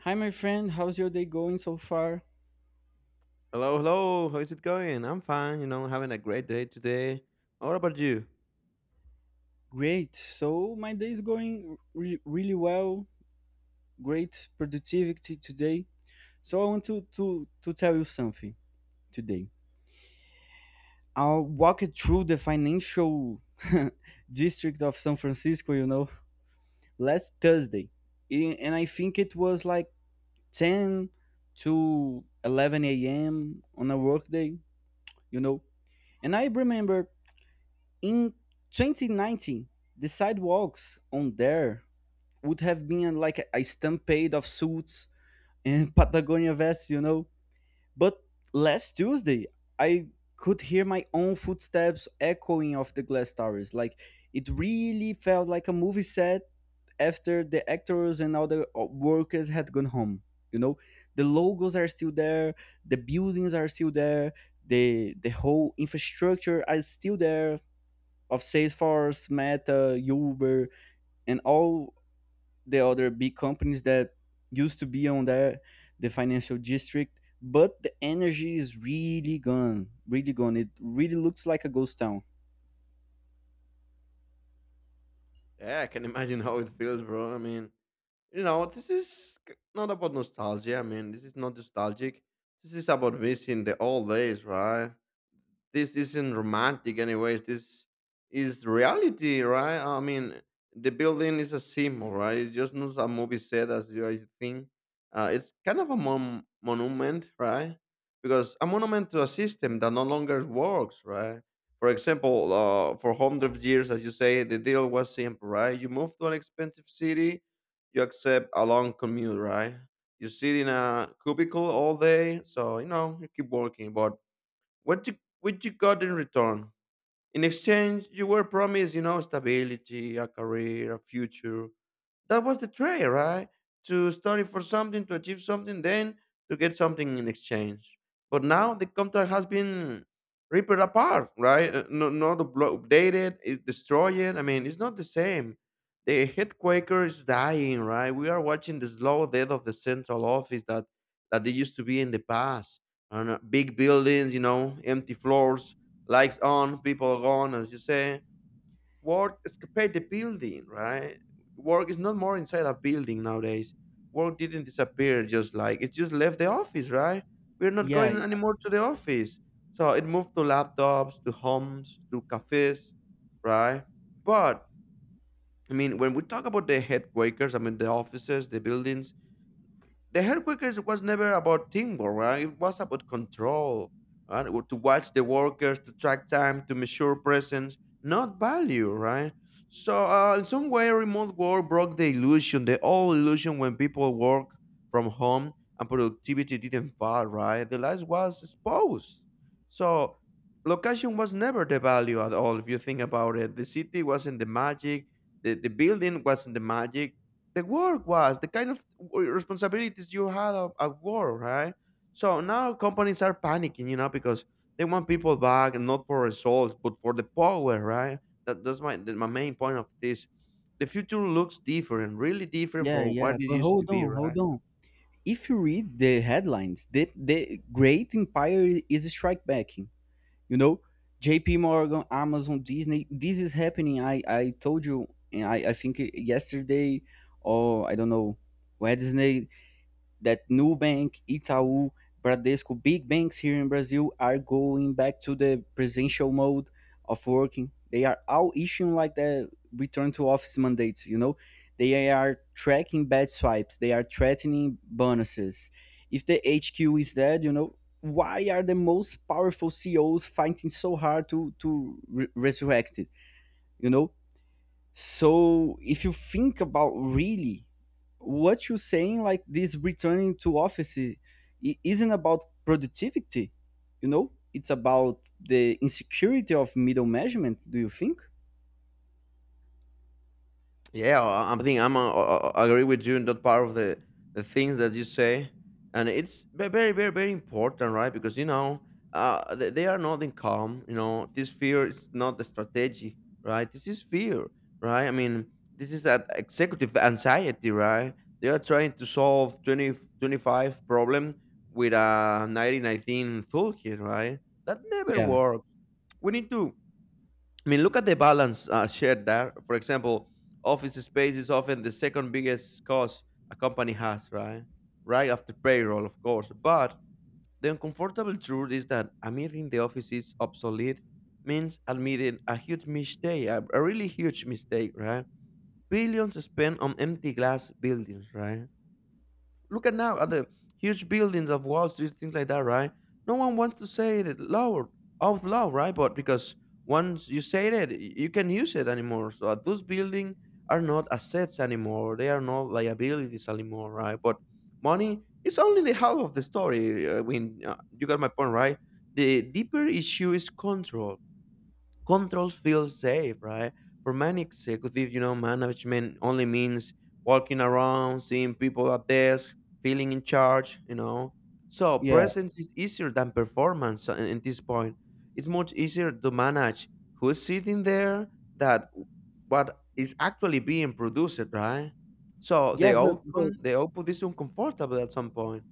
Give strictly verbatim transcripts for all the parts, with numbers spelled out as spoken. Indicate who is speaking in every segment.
Speaker 1: Hi, my friend. How's your day going so far?
Speaker 2: Hello, hello. How is it going? I'm fine. You know, having a great day today. What about you?
Speaker 1: Great. So, my day is going re- really well. Great productivity today. So, I want to, to, to tell you something today. I'll walk it through the financial district of San Francisco, you know, last Thursday. I- And I think it was like ten to eleven a m on a workday, you know. And I remember in twenty nineteen, the sidewalks on there would have been like a stampede of suits and Patagonia vests, you know. But last Tuesday, I could hear my own footsteps echoing off the glass towers. Like it really felt like a movie set after the actors and other uh, workers had gone home. You know, the logos are still there, the buildings are still there, the the whole infrastructure is still there, of Salesforce, Meta, Uber, and all the other big companies that used to be on there, the financial district, but the energy is really gone, really gone. It really looks like a ghost town.
Speaker 2: Yeah, I can imagine how it feels, bro. I mean, you know, this is k- not about nostalgia. I mean, this is not nostalgic. This is about missing the old days, right? This isn't romantic anyways, this is reality, right? I mean, the building is a symbol, right? It's just not a movie set as you guys think. Uh, it's kind of a mon- monument, right? Because a monument to a system that no longer works, right? For example, uh, for hundreds of years, as you say, the deal was simple, right? You move to an expensive city, you accept a long commute, right? You sit in a cubicle all day, so you know you keep working, but what you what you got in return? In exchange, you were promised, you know, stability, a career, a future. That was the trade, right? To study for something, to achieve something, then to get something in exchange. But now the contract has been ripped apart, right? Uh, No, not updated, it's destroyed. I mean, it's not the same. The head Quaker is dying, right? We are watching the slow death of the central office that that they used to be in the past. And uh, big buildings, you know, empty floors, lights on, people gone, as you say. Work escaped the building, right? Work is not more inside a building nowadays. Work didn't disappear, just like it just left the office, right? We're not
Speaker 1: Yeah,
Speaker 2: going anymore to the office. So it moved to laptops, to homes, to cafes, right? But I mean, when we talk about the headquarters, I mean the offices, the buildings, the hair was never about teamwork, right? It was about control, right? Or to watch the workers, to track time, to measure presence, not value, right? So, uh, in some way, remote work broke the illusion, the old illusion when people work from home and productivity didn't fall, right? The life was exposed. So, location was never the value at all, if you think about it. The city wasn't the magic, the, the building wasn't the magic. The work was the kind of responsibilities you had at at work, right? So now companies are panicking, you know, because they want people back and not for results, but for the power, right? That, that's my that my main point of this. The future looks different, really different
Speaker 1: yeah,
Speaker 2: from what
Speaker 1: yeah.
Speaker 2: it
Speaker 1: But
Speaker 2: used to
Speaker 1: hold
Speaker 2: be,
Speaker 1: on,
Speaker 2: right?
Speaker 1: hold on. If you read the headlines, the the Great Empire is strike backing. You know, J P. Morgan, Amazon, Disney. This is happening. I I told you, and I I think yesterday, or I don't know, Wednesday, that Nubank, Itaú, Bradesco, big banks here in Brazil are going back to the presidential mode of working. They are all issuing like the return to office mandates, you know. They are tracking bad swipes, they are threatening bonuses. If the H Q is dead, you know, why are the most powerful C E Os fighting so hard to to re- resurrect it? You know, so if you think about really what you're saying, like this returning to office i- isn't about productivity, you know, it's about the insecurity of middle management. Do you think?
Speaker 2: Yeah, I I think I'm uh, uh, uh, agree with you in that part of the the things that you say, and it's ve- very, very, very important, right? Because you know, uh, they, they are not in calm. You know, this fear is not the strategy, right? This is fear, right? I mean, this is that executive anxiety, right? They are trying to solve twenty twenty five problem with a nineteen nineteen toolkit, right? That never
Speaker 1: Yeah,
Speaker 2: works. We need to I mean, look at the balance uh, shared there. For example, office space is often the second biggest cost a company has, right? Right after payroll, of course. But the uncomfortable truth is that admitting the office is obsolete means admitting a huge mistake, a, a really huge mistake, right? Billions spent on empty glass buildings, right? Look at now at the huge buildings of Wall Street, things like that, right? No one wants to say it loud, Out loud, right? But because once you say it, y- you can use it anymore. So at those buildings are not assets anymore; they are not liabilities anymore, right? But money is only the half of the story. uh, I mean, uh, you got my point, right? The deeper issue is control. Controls feel safe, right? For many executives, you know, management only means walking around, seeing people at desk, feeling in charge, you know. So
Speaker 1: yeah.
Speaker 2: presence is easier than performance at at this point. It's much easier to manage who's sitting there that what is actually being produced, right? So
Speaker 1: Yeah,
Speaker 2: the
Speaker 1: but but
Speaker 2: outcome, the output is uncomfortable at some point.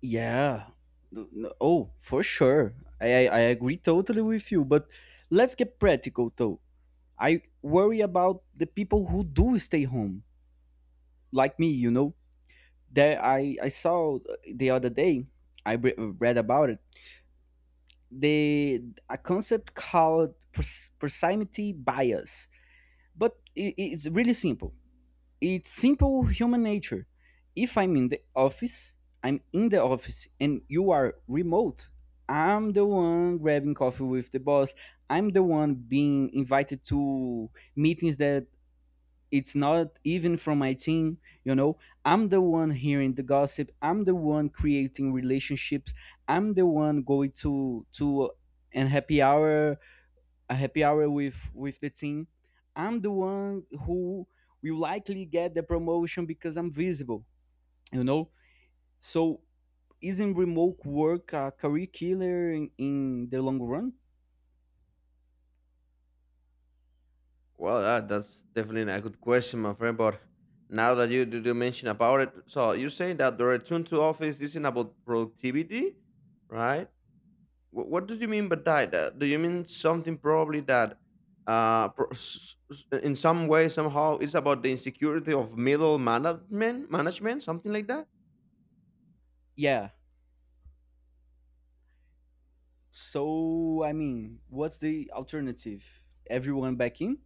Speaker 1: yeah. No- no- Oh, for sure. I, I I agree totally with you. But let's get practical though. I worry about the people who do stay home, like me. You know, there I, I saw the other day i re- read about it, the a concept called pros- proximity bias, but i i- it's really simple, it's simple human nature. If I'm in the office, I'm in the office and you are remote, I'm the one grabbing coffee with the boss, I'm the one being invited to meetings that it's not even from my team, you know, I'm the one hearing the gossip, I'm the one creating relationships, I'm the one going to to an happy hour a happy hour with with the team, I'm the one who will likely get the promotion because I'm visible, you know. So isn't remote work a career killer in, in the long run?
Speaker 2: Well, that, that's definitely a good question, my friend. But now that you do, mention about it, so you're saying that the return to office isn't about productivity, right? What, what do you mean by that? Uh, Do you mean something probably that, uh, pro- s- s- in some way somehow it's about the insecurity of middle management, management, something like that?
Speaker 1: Yeah, so I mean, what's the alternative, everyone back in?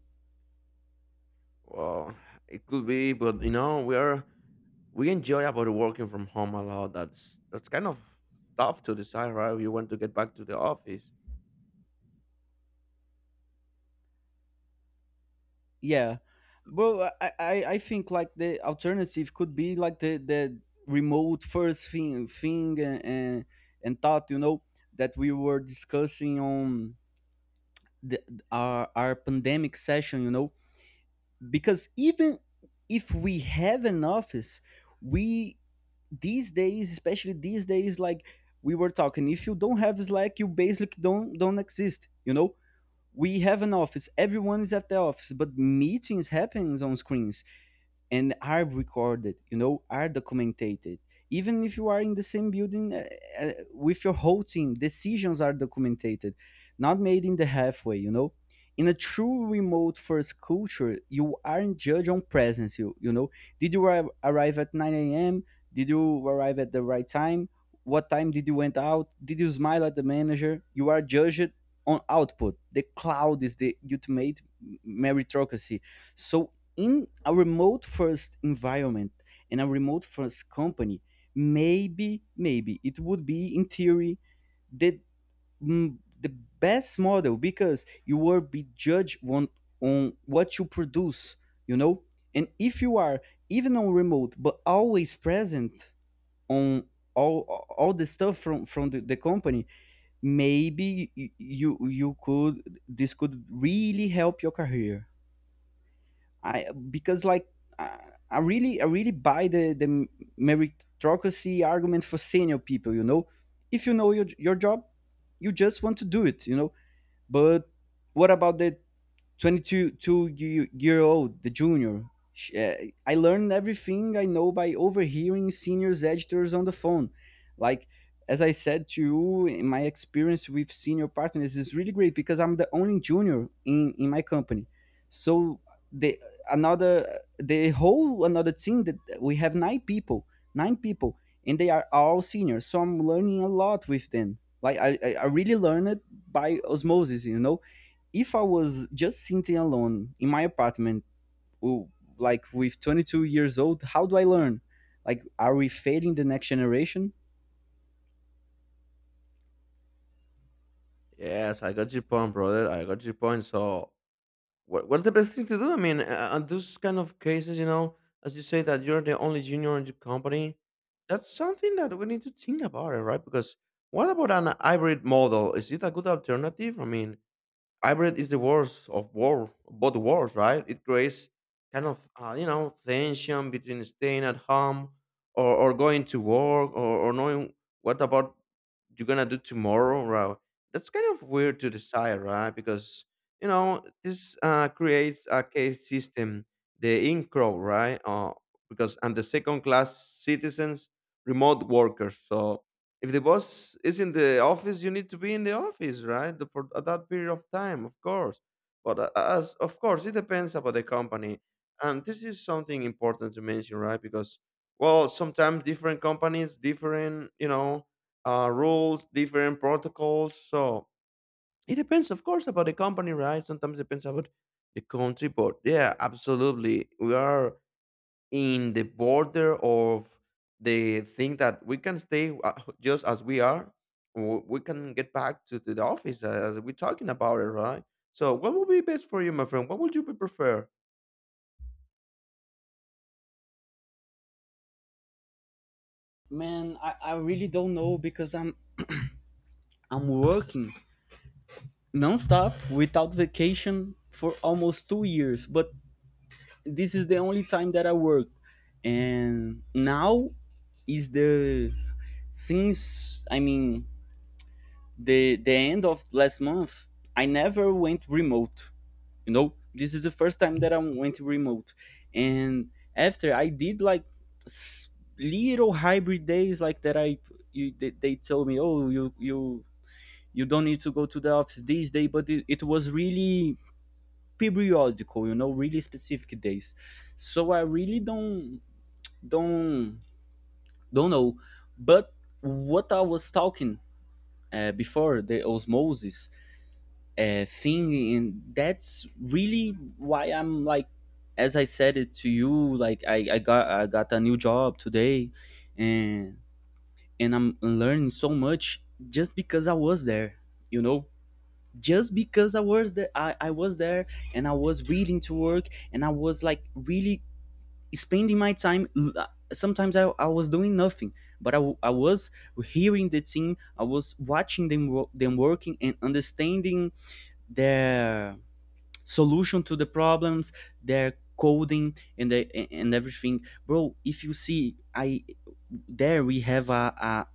Speaker 2: Well, it could be, but you know, we're we enjoy about working from home a lot. That's that's kind of tough to decide, right? You want to get back to the office.
Speaker 1: Yeah, bro. I, I I think like the alternative could be like the the remote first thing thing and and, and thought, you know, that we were discussing on the our our pandemic session. You know, because even if we have an office, we these days, especially these days, like we were talking, if you don't have Slack, you basically don't don't exist. You know, we have an office, everyone is at the office, but meetings happens on screens and are recorded, you know, are documented. Even if you are in the same building, uh, uh, with your whole team, decisions are documented, not made in the halfway, you know. In a true remote first culture, you aren't judged on presence, you, you know, did you arri- arrive at nine a.m, did you arrive at the right time, what time did you went out, did you smile at the manager? You are judged on output. The cloud is the ultimate meritocracy. So in a remote first environment and a remote first company, maybe maybe it would be in theory the mm, the best model, because you will be judged on, on what you produce, you know. And if you are even on remote but always present on all all the stuff from from the, the company, maybe y- you you could, this could really help your career. I because like I, I really I really buy the the meritocracy argument for senior people. You know, if you know your your job, you just want to do it. You know, but what about the twenty-two two ye- year old, the junior? Sh- uh, I learned everything I know by overhearing seniors editors on the phone, like, as I said to you, in my experience with senior partners is really great because I'm the only junior in in my company. So the another the whole another team that we have nine people, nine people, and they are all seniors, so I'm learning a lot with them, like i i I really learned by osmosis, you know. If I was just sitting alone in my apartment, w- like with twenty-two years old, how do I learn? Like, are we failing the next generation?
Speaker 2: Yes, I got your point, brother. I got your point. So, what, what's the best thing to do? I mean, uh, on those kind of cases, you know, as you say that you're the only junior in your company, that's something that we need to think about, it, right? Because what about an hybrid model? Is it a good alternative? I mean, hybrid is the worst of war, both worlds, right? It creates kind of, uh, you know, tension between staying at home or, or going to work, or, or knowing what about you're gonna do tomorrow, right? That's kind of weird to decide, right? Because you know this uh, creates a case system, the in crowd, right? Uh, because and the second class citizens, remote workers. So if the boss is in the office, you need to be in the office, right? The- For that period of time, of course. But uh, as of course, it depends about the company, and this is something important to mention, right? Because well, sometimes different companies, different you know uh, rules, different protocols. So it depends, of course, about the company, right? Sometimes it depends about the country, but yeah, absolutely. We are in the border of the thing that we can stay uh, just as we are. Or we can get back to the office as we're talking about it, right? So, what would be best for you, my friend? What would you prefer?
Speaker 1: Man, I, I really don't know because I'm I'm working nonstop without vacation for almost two years. But this is the only time that I work, and now is the, since I mean the the end of last month. I never went remote, you know, this is the first time that I went remote. And after I did like s- little hybrid days like that, i you, they, they told me, oh, you you you don't need to go to the office this day. But it, it was really periodical, you know, really specific days. So I really don't don't don't know. But what I was talking, uh, before the osmosis uh, thing, and that's really why I'm like, as I said it to you, like i, I got I got a new job today, and and I'm learning so much just because I was there, you know, just because I was there, i, I was there and I was willing to work, and I was like really spending my time. Sometimes i, I was doing nothing, but I, w- I was hearing the team, I was watching them wo- them working and understanding their solution to the problems, their coding and the, and everything. Bro, if you see I there we have a, a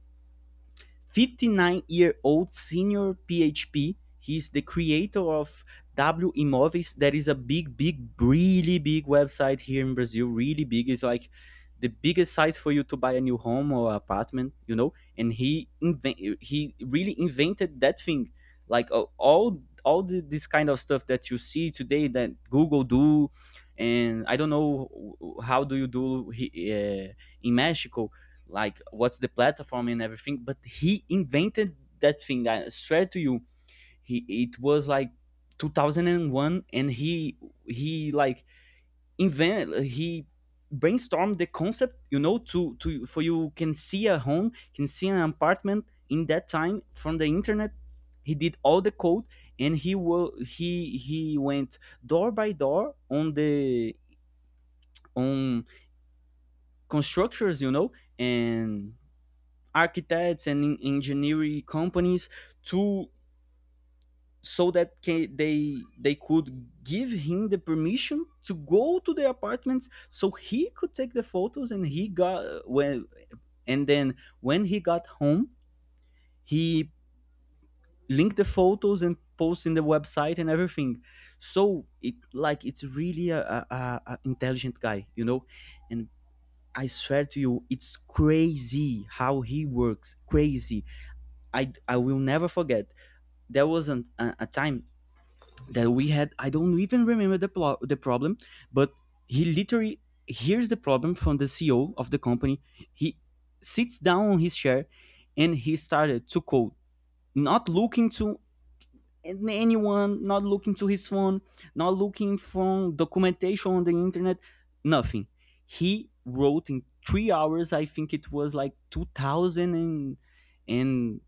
Speaker 1: fifty-nine year old senior P H P. He's the creator of W Imóveis. That is a big, big, really big website here in Brazil. Really big. It's like the biggest size for you to buy a new home or apartment, you know. And he invent, he really invented that thing. Like uh, all all the, this kind of stuff that you see today that Google do, and I don't know how do you do he- uh, in Mexico, like what's the platform and everything, but he invented that thing, I swear to you. He it was like two thousand one, and he he like invented he brainstormed the concept, you know, to to for you can see a home, can see an apartment in that time from the internet. He did all the code, and he will he he went door by door on the on constructors, you know, and architects and engineering companies, to so that ca they they could give him the permission to go to the apartments, so he could take the photos. And he got when and then when he got home, he linked the photos and post in the website and everything. So it like it's really a, a a intelligent guy, you know. And I swear to you, it's crazy how he works, crazy. I I will never forget, there was an, a, a time that we had, I don't even remember the plo- the problem, but he literally hears the problem from the CEO of the company. He sits down on his chair, and he started to code, not looking to anyone, not looking to his phone, not looking for documentation on the internet, nothing. He wrote in three hours, I think, it was like two thousand and and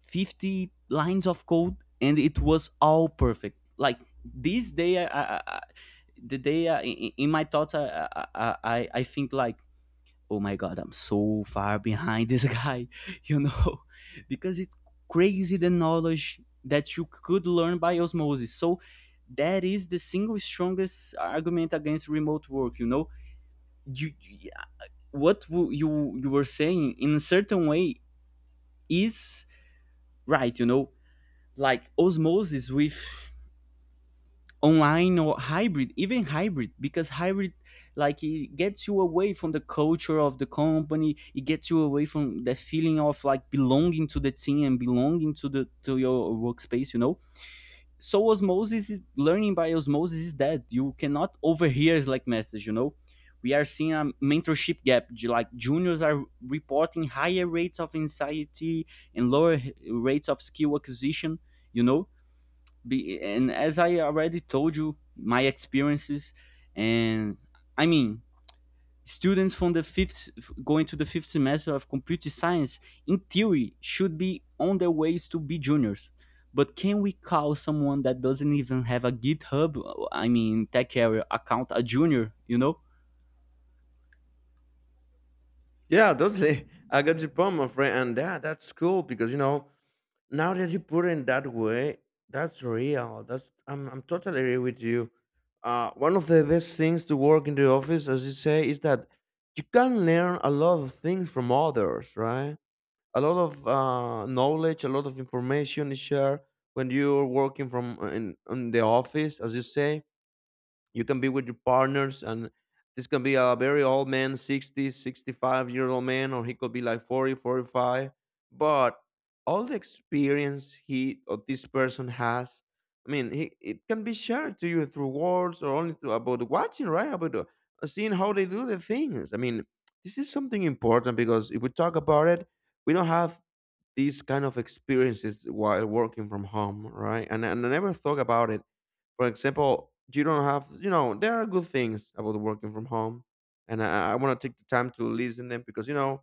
Speaker 1: fifty lines of code, and it was all perfect. Like this day I, I, I, the day I, in my thoughts, I, I I I think like, oh my god, I'm so far behind this guy. You know, because it's crazy the knowledge that you could learn by osmosis. So that is the single strongest argument against remote work, you know. You what wo- you you were saying in a certain way is right, you know. Like osmosis with online or hybrid, even hybrid, because hybrid, like it gets you away from the culture of the company, it gets you away from the feeling of like belonging to the team and belonging to the to your workspace, you know. So osmosis is learning by osmosis, is that you cannot overhear slack message, you know. We are seeing a mentorship gap, like juniors are reporting higher rates of anxiety and lower rates of skill acquisition. You know, be, and as I already told you, my experiences, and I mean, students from the fifth going to the fifth semester of computer science, in theory, should be on their ways to be juniors. But can we call someone that doesn't even have a GitHub, I mean, tech area account, a junior? You know?
Speaker 2: Yeah, totally. I got your point, my friend, and yeah, that's cool because you know, now that you put it in that way, that's real. That's I'm I'm totally agree with you. Uh, one of the best things to work in the office, as you say, is that you can learn a lot of things from others, right? A lot of uh, knowledge, a lot of information is shared when you're working from uh, in, in the office. As you say, you can be with your partners and this can be a very old man sixty, sixty-five year old man, or he could be like forty, forty-five. But all the experience he or this person has, I mean, he, it can be shared to you through words, or only to about watching, right? About uh, seeing how they do the things. I mean, this is something important because if we talk about it, we don't have these kind of experiences while working from home, right? And, and I never thought about it. For example, you don't have, you know, there are good things about working from home, and I, I want to take the time to listen them because you know,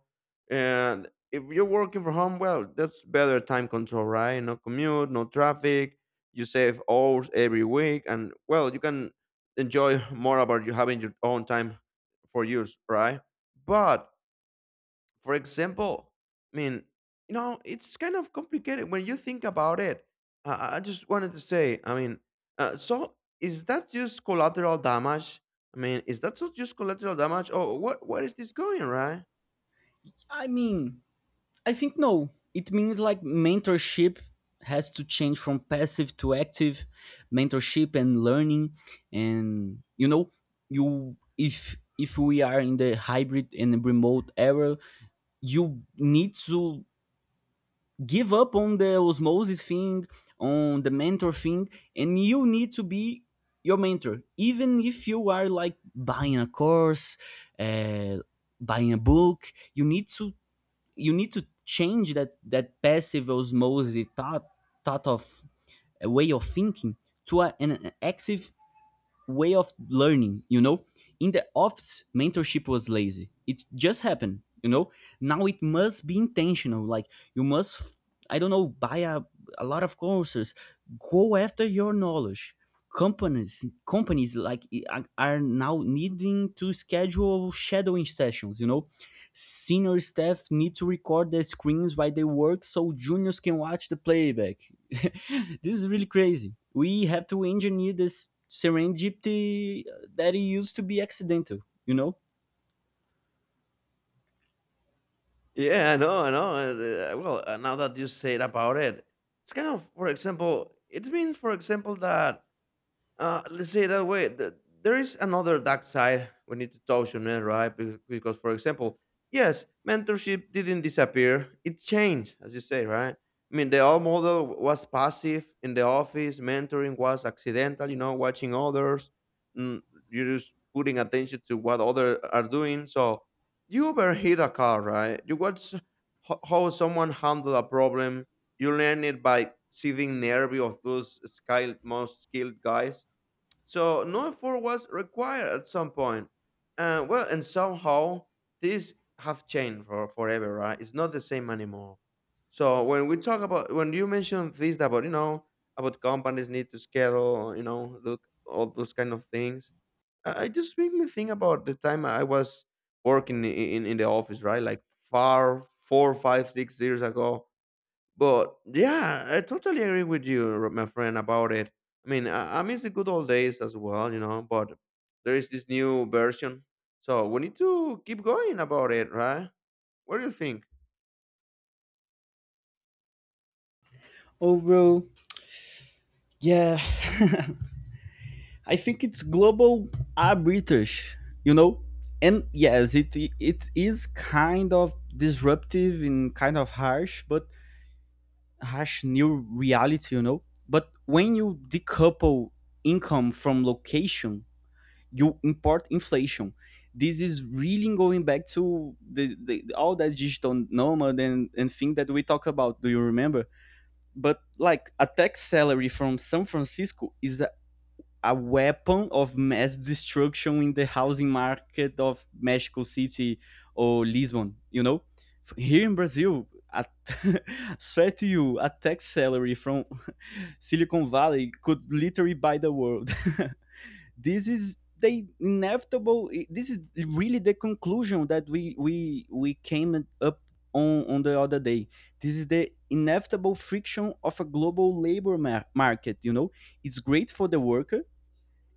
Speaker 2: and if you're working from home, well, that's better time control, right? No commute, no traffic. You save hours every week, and well, you can enjoy more about you having your own time for use, right? But for example, I mean, you know, it's kind of complicated when you think about it. I, I I just wanted to say, I mean, uh, so is that just collateral damage? I mean, is that so just collateral damage? Or what? Where is this going, right?
Speaker 1: I mean, I think no. It means like mentorship has to change from passive to active mentorship and learning. And you know, you if if we are in the hybrid and remote era, you need to give up on the osmosis thing, on the mentor thing, and you need to be your mentor, even if you are like buying a course, uh, buying a book. You need to, you need to change that that passive osmosis thought thought of a way of thinking to a, an active way of learning, you know? In the office, mentorship was lazy. It just happened, you know? Now it must be intentional. Like, you must, I don't know, buy a, a lot of courses, go after your knowledge. Companies, companies like are are now needing to schedule shadowing sessions. You know, senior staff need to record their screens while they work so juniors can watch the playback. This is really crazy. We have to engineer this serendipity that it used to be accidental, you know?
Speaker 2: Yeah, I know, I know. uh, uh, Well, uh, now that you said about it, it's kind of, for example, it means, for example, that Uh, let's say it that way. The, there is another dark side we need to touch on it, right? Be- Because, for example, yes, mentorship didn't disappear. It changed, as you say, right? I mean, the old model was passive in the office. Mentoring was accidental, you know, watching others. Mm, you're just putting attention to what others are doing. So you overheat a car, right? You watch ho- how someone handled a problem. You learn it by seeing the nerve of those skilled, most skilled guys, so no effort was required at some point. uh. Well, and somehow these have changed for forever, right? It's not the same anymore. So when we talk about when you mention this about you know, about companies need to schedule, you know, look all those kind of things. I, I just make me think about the time I was working in, in in the office, right? Like far four, five, six years ago, but yeah, I totally agree with you, r- my friend, about it. I mean, I, I miss the good old days as well, you know, but there is this new version. So we need to keep going about it, right? What do you think?
Speaker 1: Overall, yeah, I think it's global are you know? And yes, it it is kind of disruptive and kind of harsh, but harsh new reality, you know? But when you decouple income from location, you import inflation. This is really going back to the, the all that digital nomad and, and thing that we talk about. Do you remember? But like a tax salary from San Francisco is a, a weapon of mass destruction in the housing market of Mexico City or Lisbon, you know? Here in Brazil, I swear to you, a tax salary from Silicon Valley could literally buy the world. This is the inevitable, this is really the conclusion that we we we came up on on the other day. This is the inevitable friction of a global labor mar- market, you know? It's great for the worker,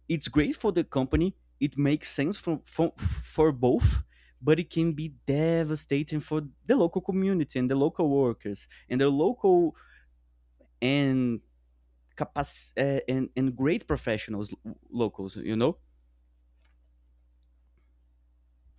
Speaker 1: it's great for the company. It makes sense for for, for both, but it can be devastating for the local community and the local workers and the local and capac- uh, and, and great professionals locals, you know?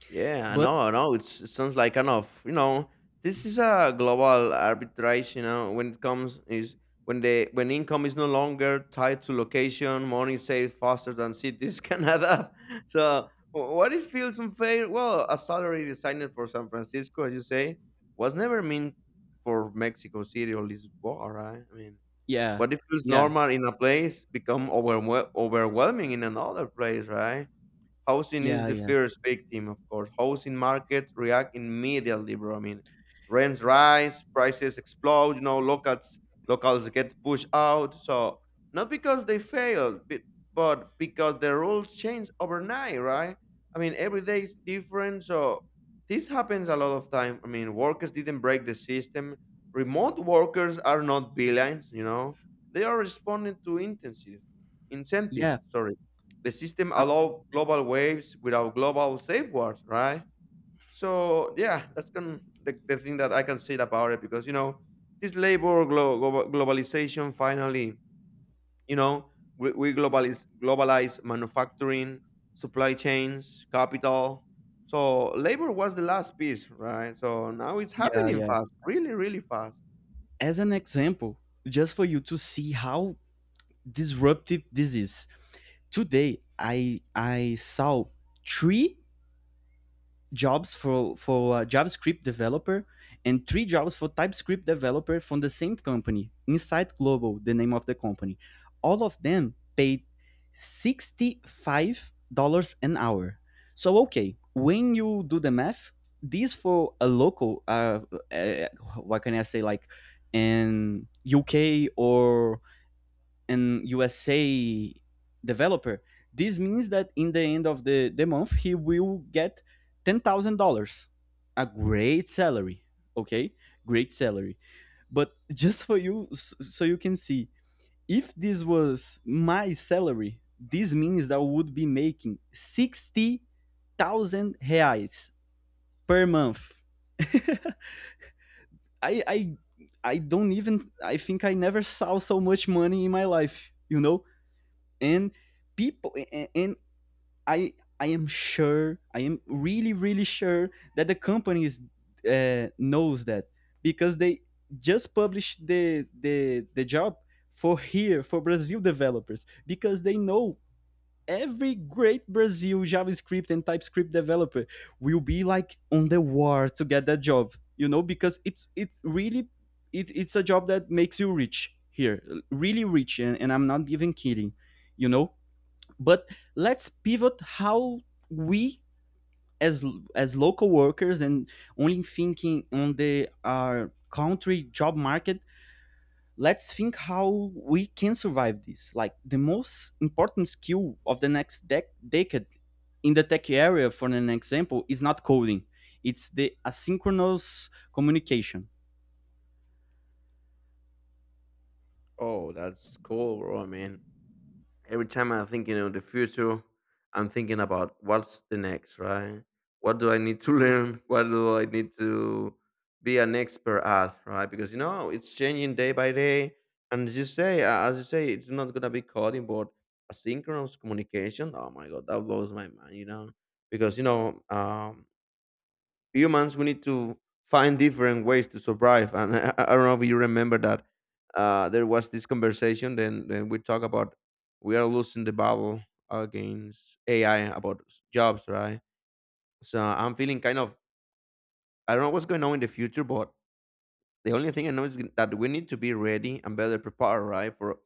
Speaker 2: Yeah, I
Speaker 1: But
Speaker 2: know, I know. It's, it sounds like kind of, you know, this is a global arbitrage, you know, when it comes is when the when income is no longer tied to location, money saved faster than cities can add up. So wh- what it feels unfair? Well, a salary designed for San Francisco, as you say, was never meant for Mexico City or Lisbon, right? I mean,
Speaker 1: yeah.
Speaker 2: what it feels
Speaker 1: Yeah.
Speaker 2: normal in a place become overwhel- overwhelming in another place, right? Housing is
Speaker 1: Yeah,
Speaker 2: the
Speaker 1: yeah.
Speaker 2: first victim, of course. Housing market react immediately, bro. I mean, rents rise, prices explode. You know, locals locals get pushed out. So not because they failed, but but because the rules change overnight, right? I mean, every day is different. So this happens a lot of time. I mean, workers didn't break the system. Remote workers are not villains. You know, they are responding to intensive incentive.
Speaker 1: Yeah.
Speaker 2: Sorry, the system
Speaker 1: Uh,
Speaker 2: allow global waves without global safeguards, right? So yeah, that's can, the, the thing that I can say about it, because you know this labor glo- global globalization finally, you know, we, we globalize globalize manufacturing, supply chains, capital. So labor was the last piece, right? So now it's
Speaker 1: yeah,
Speaker 2: happening
Speaker 1: yeah.
Speaker 2: fast, really, really fast.
Speaker 1: As an example, just for you to see how disruptive this is. Today I I saw three jobs for for a JavaScript developer and three jobs for TypeScript developer from the same company, Insight Global, the name of the company. All of them paid sixty-five dollars an hour. So okay, when you do the math, these for a local, uh, uh, what can I say, like in U K or and U S A developer, this means that in the end of the, the month he will get ten thousand dollars. A great salary. Okay? Great salary. But just for you so you can see, if this was my salary, this means that I would be making sixty thousand reais per month. I I I don't even, I think I never saw so much money in my life, you know? And people and, and i i am sure, I am really really sure that the companies uh, knows that because they just published the the the job for here for Brazil developers, because they know every great Brazil JavaScript and TypeScript developer will be like on the war to get that job, you know? Because it's it's really, it, it's a job that makes you rich here, really rich. And, and I'm not even kidding, you know? But let's pivot how we as as local workers and only thinking on the our country job market, let's think how we can survive this. Like, the most important skill of the next dec- decade in the tech area, for an example, is not coding, it's the asynchronous communication.
Speaker 2: Oh, that's cool, bro, man. Every time I'm thinking of the future, I'm thinking about what's the next, right? What do I need to learn? What do I need to be an expert at, right? Because you know it's changing day by day, and as you say, uh, as you say, it's not gonna be coding, but asynchronous communication. Oh my god, that blows my mind, you know, because you know, um, humans we need to find different ways to survive, and i, I I don't know if you remember that uh, there was this conversation, then, then we talk about we are losing the battle against ai about s- jobs, right? So I'm feeling kind of, I don't know what's going on in the future, but the only thing I know is g- that we need to be ready and better prepared, right? For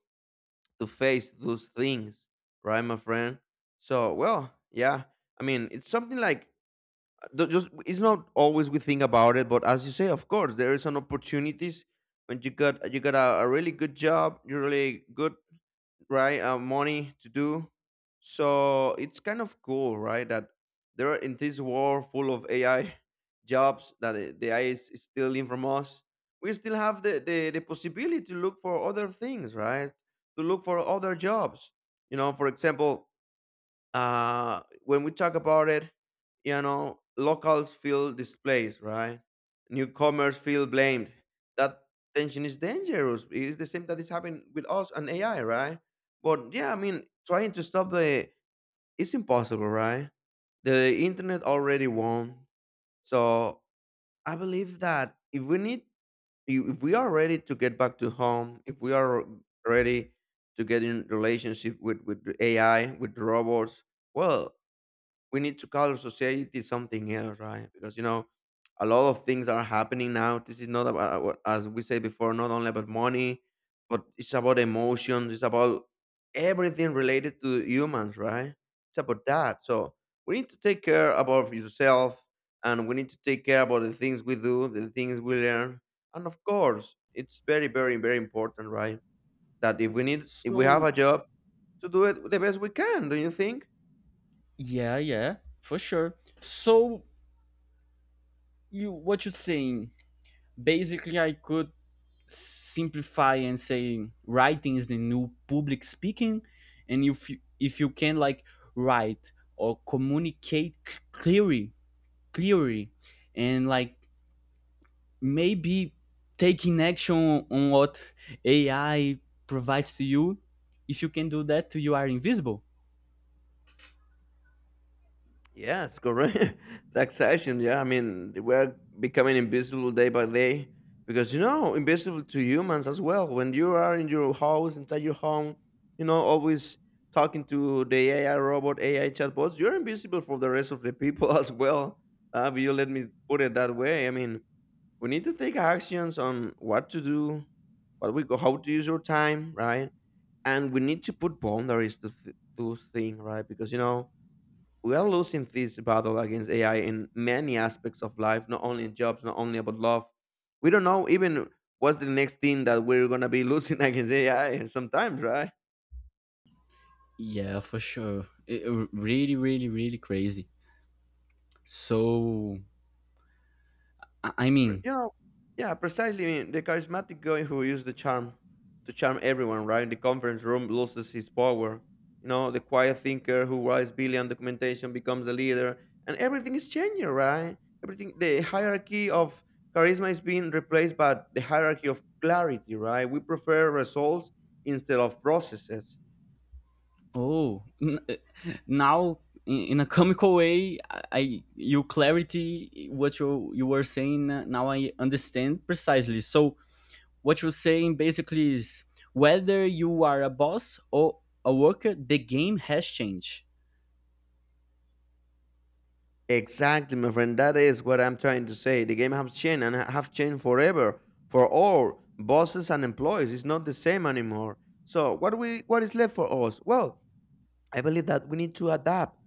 Speaker 2: to face those things, right, my friend. So well, yeah, I mean it's something like, th- just it's not always we think about it, but as you say, of course there is an opportunities, when you got you got a, a really good job, you really good, right? Uh, money to do. So it's kind of cool, right, that there are in this world full of ai jobs that it- the ai is is stealing from us, we still have the, the the possibility to look for other things, right? To look for other jobs, you know. For example, uh when we talk about it, you know, locals feel displaced, right? Newcomers feel blamed. That tension is dangerous. It's the same that is happening with us and ai, right? But yeah, I mean, trying to stop the, it's impossible, right? The internet already won. So I believe that if we need, if we are ready to get back to home, if we are ready to get in relationship with with the ai, with the robots, well, we need to call society something else, right? Because you know, a lot of things are happening now. This is not about, uh, what- as we said before, not only about money, but it's about emotions. It's about everything related to humans, right? It's about that. So we need to take care about yourself, and we need to take care about the things we do, the things we learn, and of course, it's very, very, very important, right? That if we need, if we have
Speaker 1: So
Speaker 2: a job, to do it the best we can. Do you think?
Speaker 1: yeah, yeah, for sure. So you what you're saying basically, I could simplify and say writing is the new public speaking. And if you, if you can like write or communicate clearly clearly, and like maybe taking action on what AI provides to you, if you can do that you are invisible.
Speaker 2: Yes, correct. The accession, yeah. I mean, we're becoming invisible day by day, because you know, invisible to humans as well. When you are in your house, inside your home, you know, always talking to the A I robot, A I chatbots, you're invisible for the rest of the people as well. Uh, if you let me put it that way. I mean, we need to take actions on what to do, what we go, how to use your time, right? And we need to put boundaries to th- to things, right? Because you know we are losing this battle against A I in many aspects of life, not only in jobs, not only about love. We don't know even what's the next thing that we're gonna be losing against A I sometimes, right?
Speaker 1: Yeah, for sure. It, really, really, really crazy. So, I
Speaker 2: But,
Speaker 1: mean,
Speaker 2: you know, yeah, precisely. I mean, the charismatic guy who used the charm to charm everyone, right? In the conference room loses his power. You know, the quiet thinker who writes billion documentation becomes the leader, and everything is changing, right? Everything, the hierarchy of charisma is being replaced by the hierarchy of clarity, right? We prefer results instead of processes.
Speaker 1: oh, n- eh, now in in a comical way, I I- you clarity what you you were saying. uh, Now I understand precisely. So what you're saying basically is whether you are a boss or a worker, the game has changed.
Speaker 2: Exactly, my friend. That is what I'm trying to say. The game has changed and have changed forever for all bosses and employees. It's not the same anymore. So what we what is left for us? Well, I believe that we need to adapt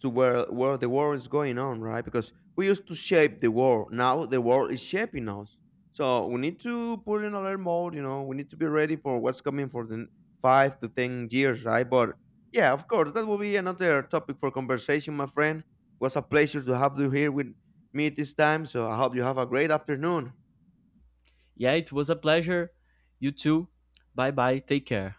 Speaker 2: to where where the world is going on, right? Because we used to shape the world. Now the world is shaping us. So we need to put in alert mode, you know, we need to be ready for what's coming for the n- five to ten years, right? But yeah, of course, that will be another topic for conversation, my friend. It was a pleasure to have you here with me this time. So I hope you have a great afternoon.
Speaker 1: Yeah, it was a pleasure. You too. Bye bye. Take care.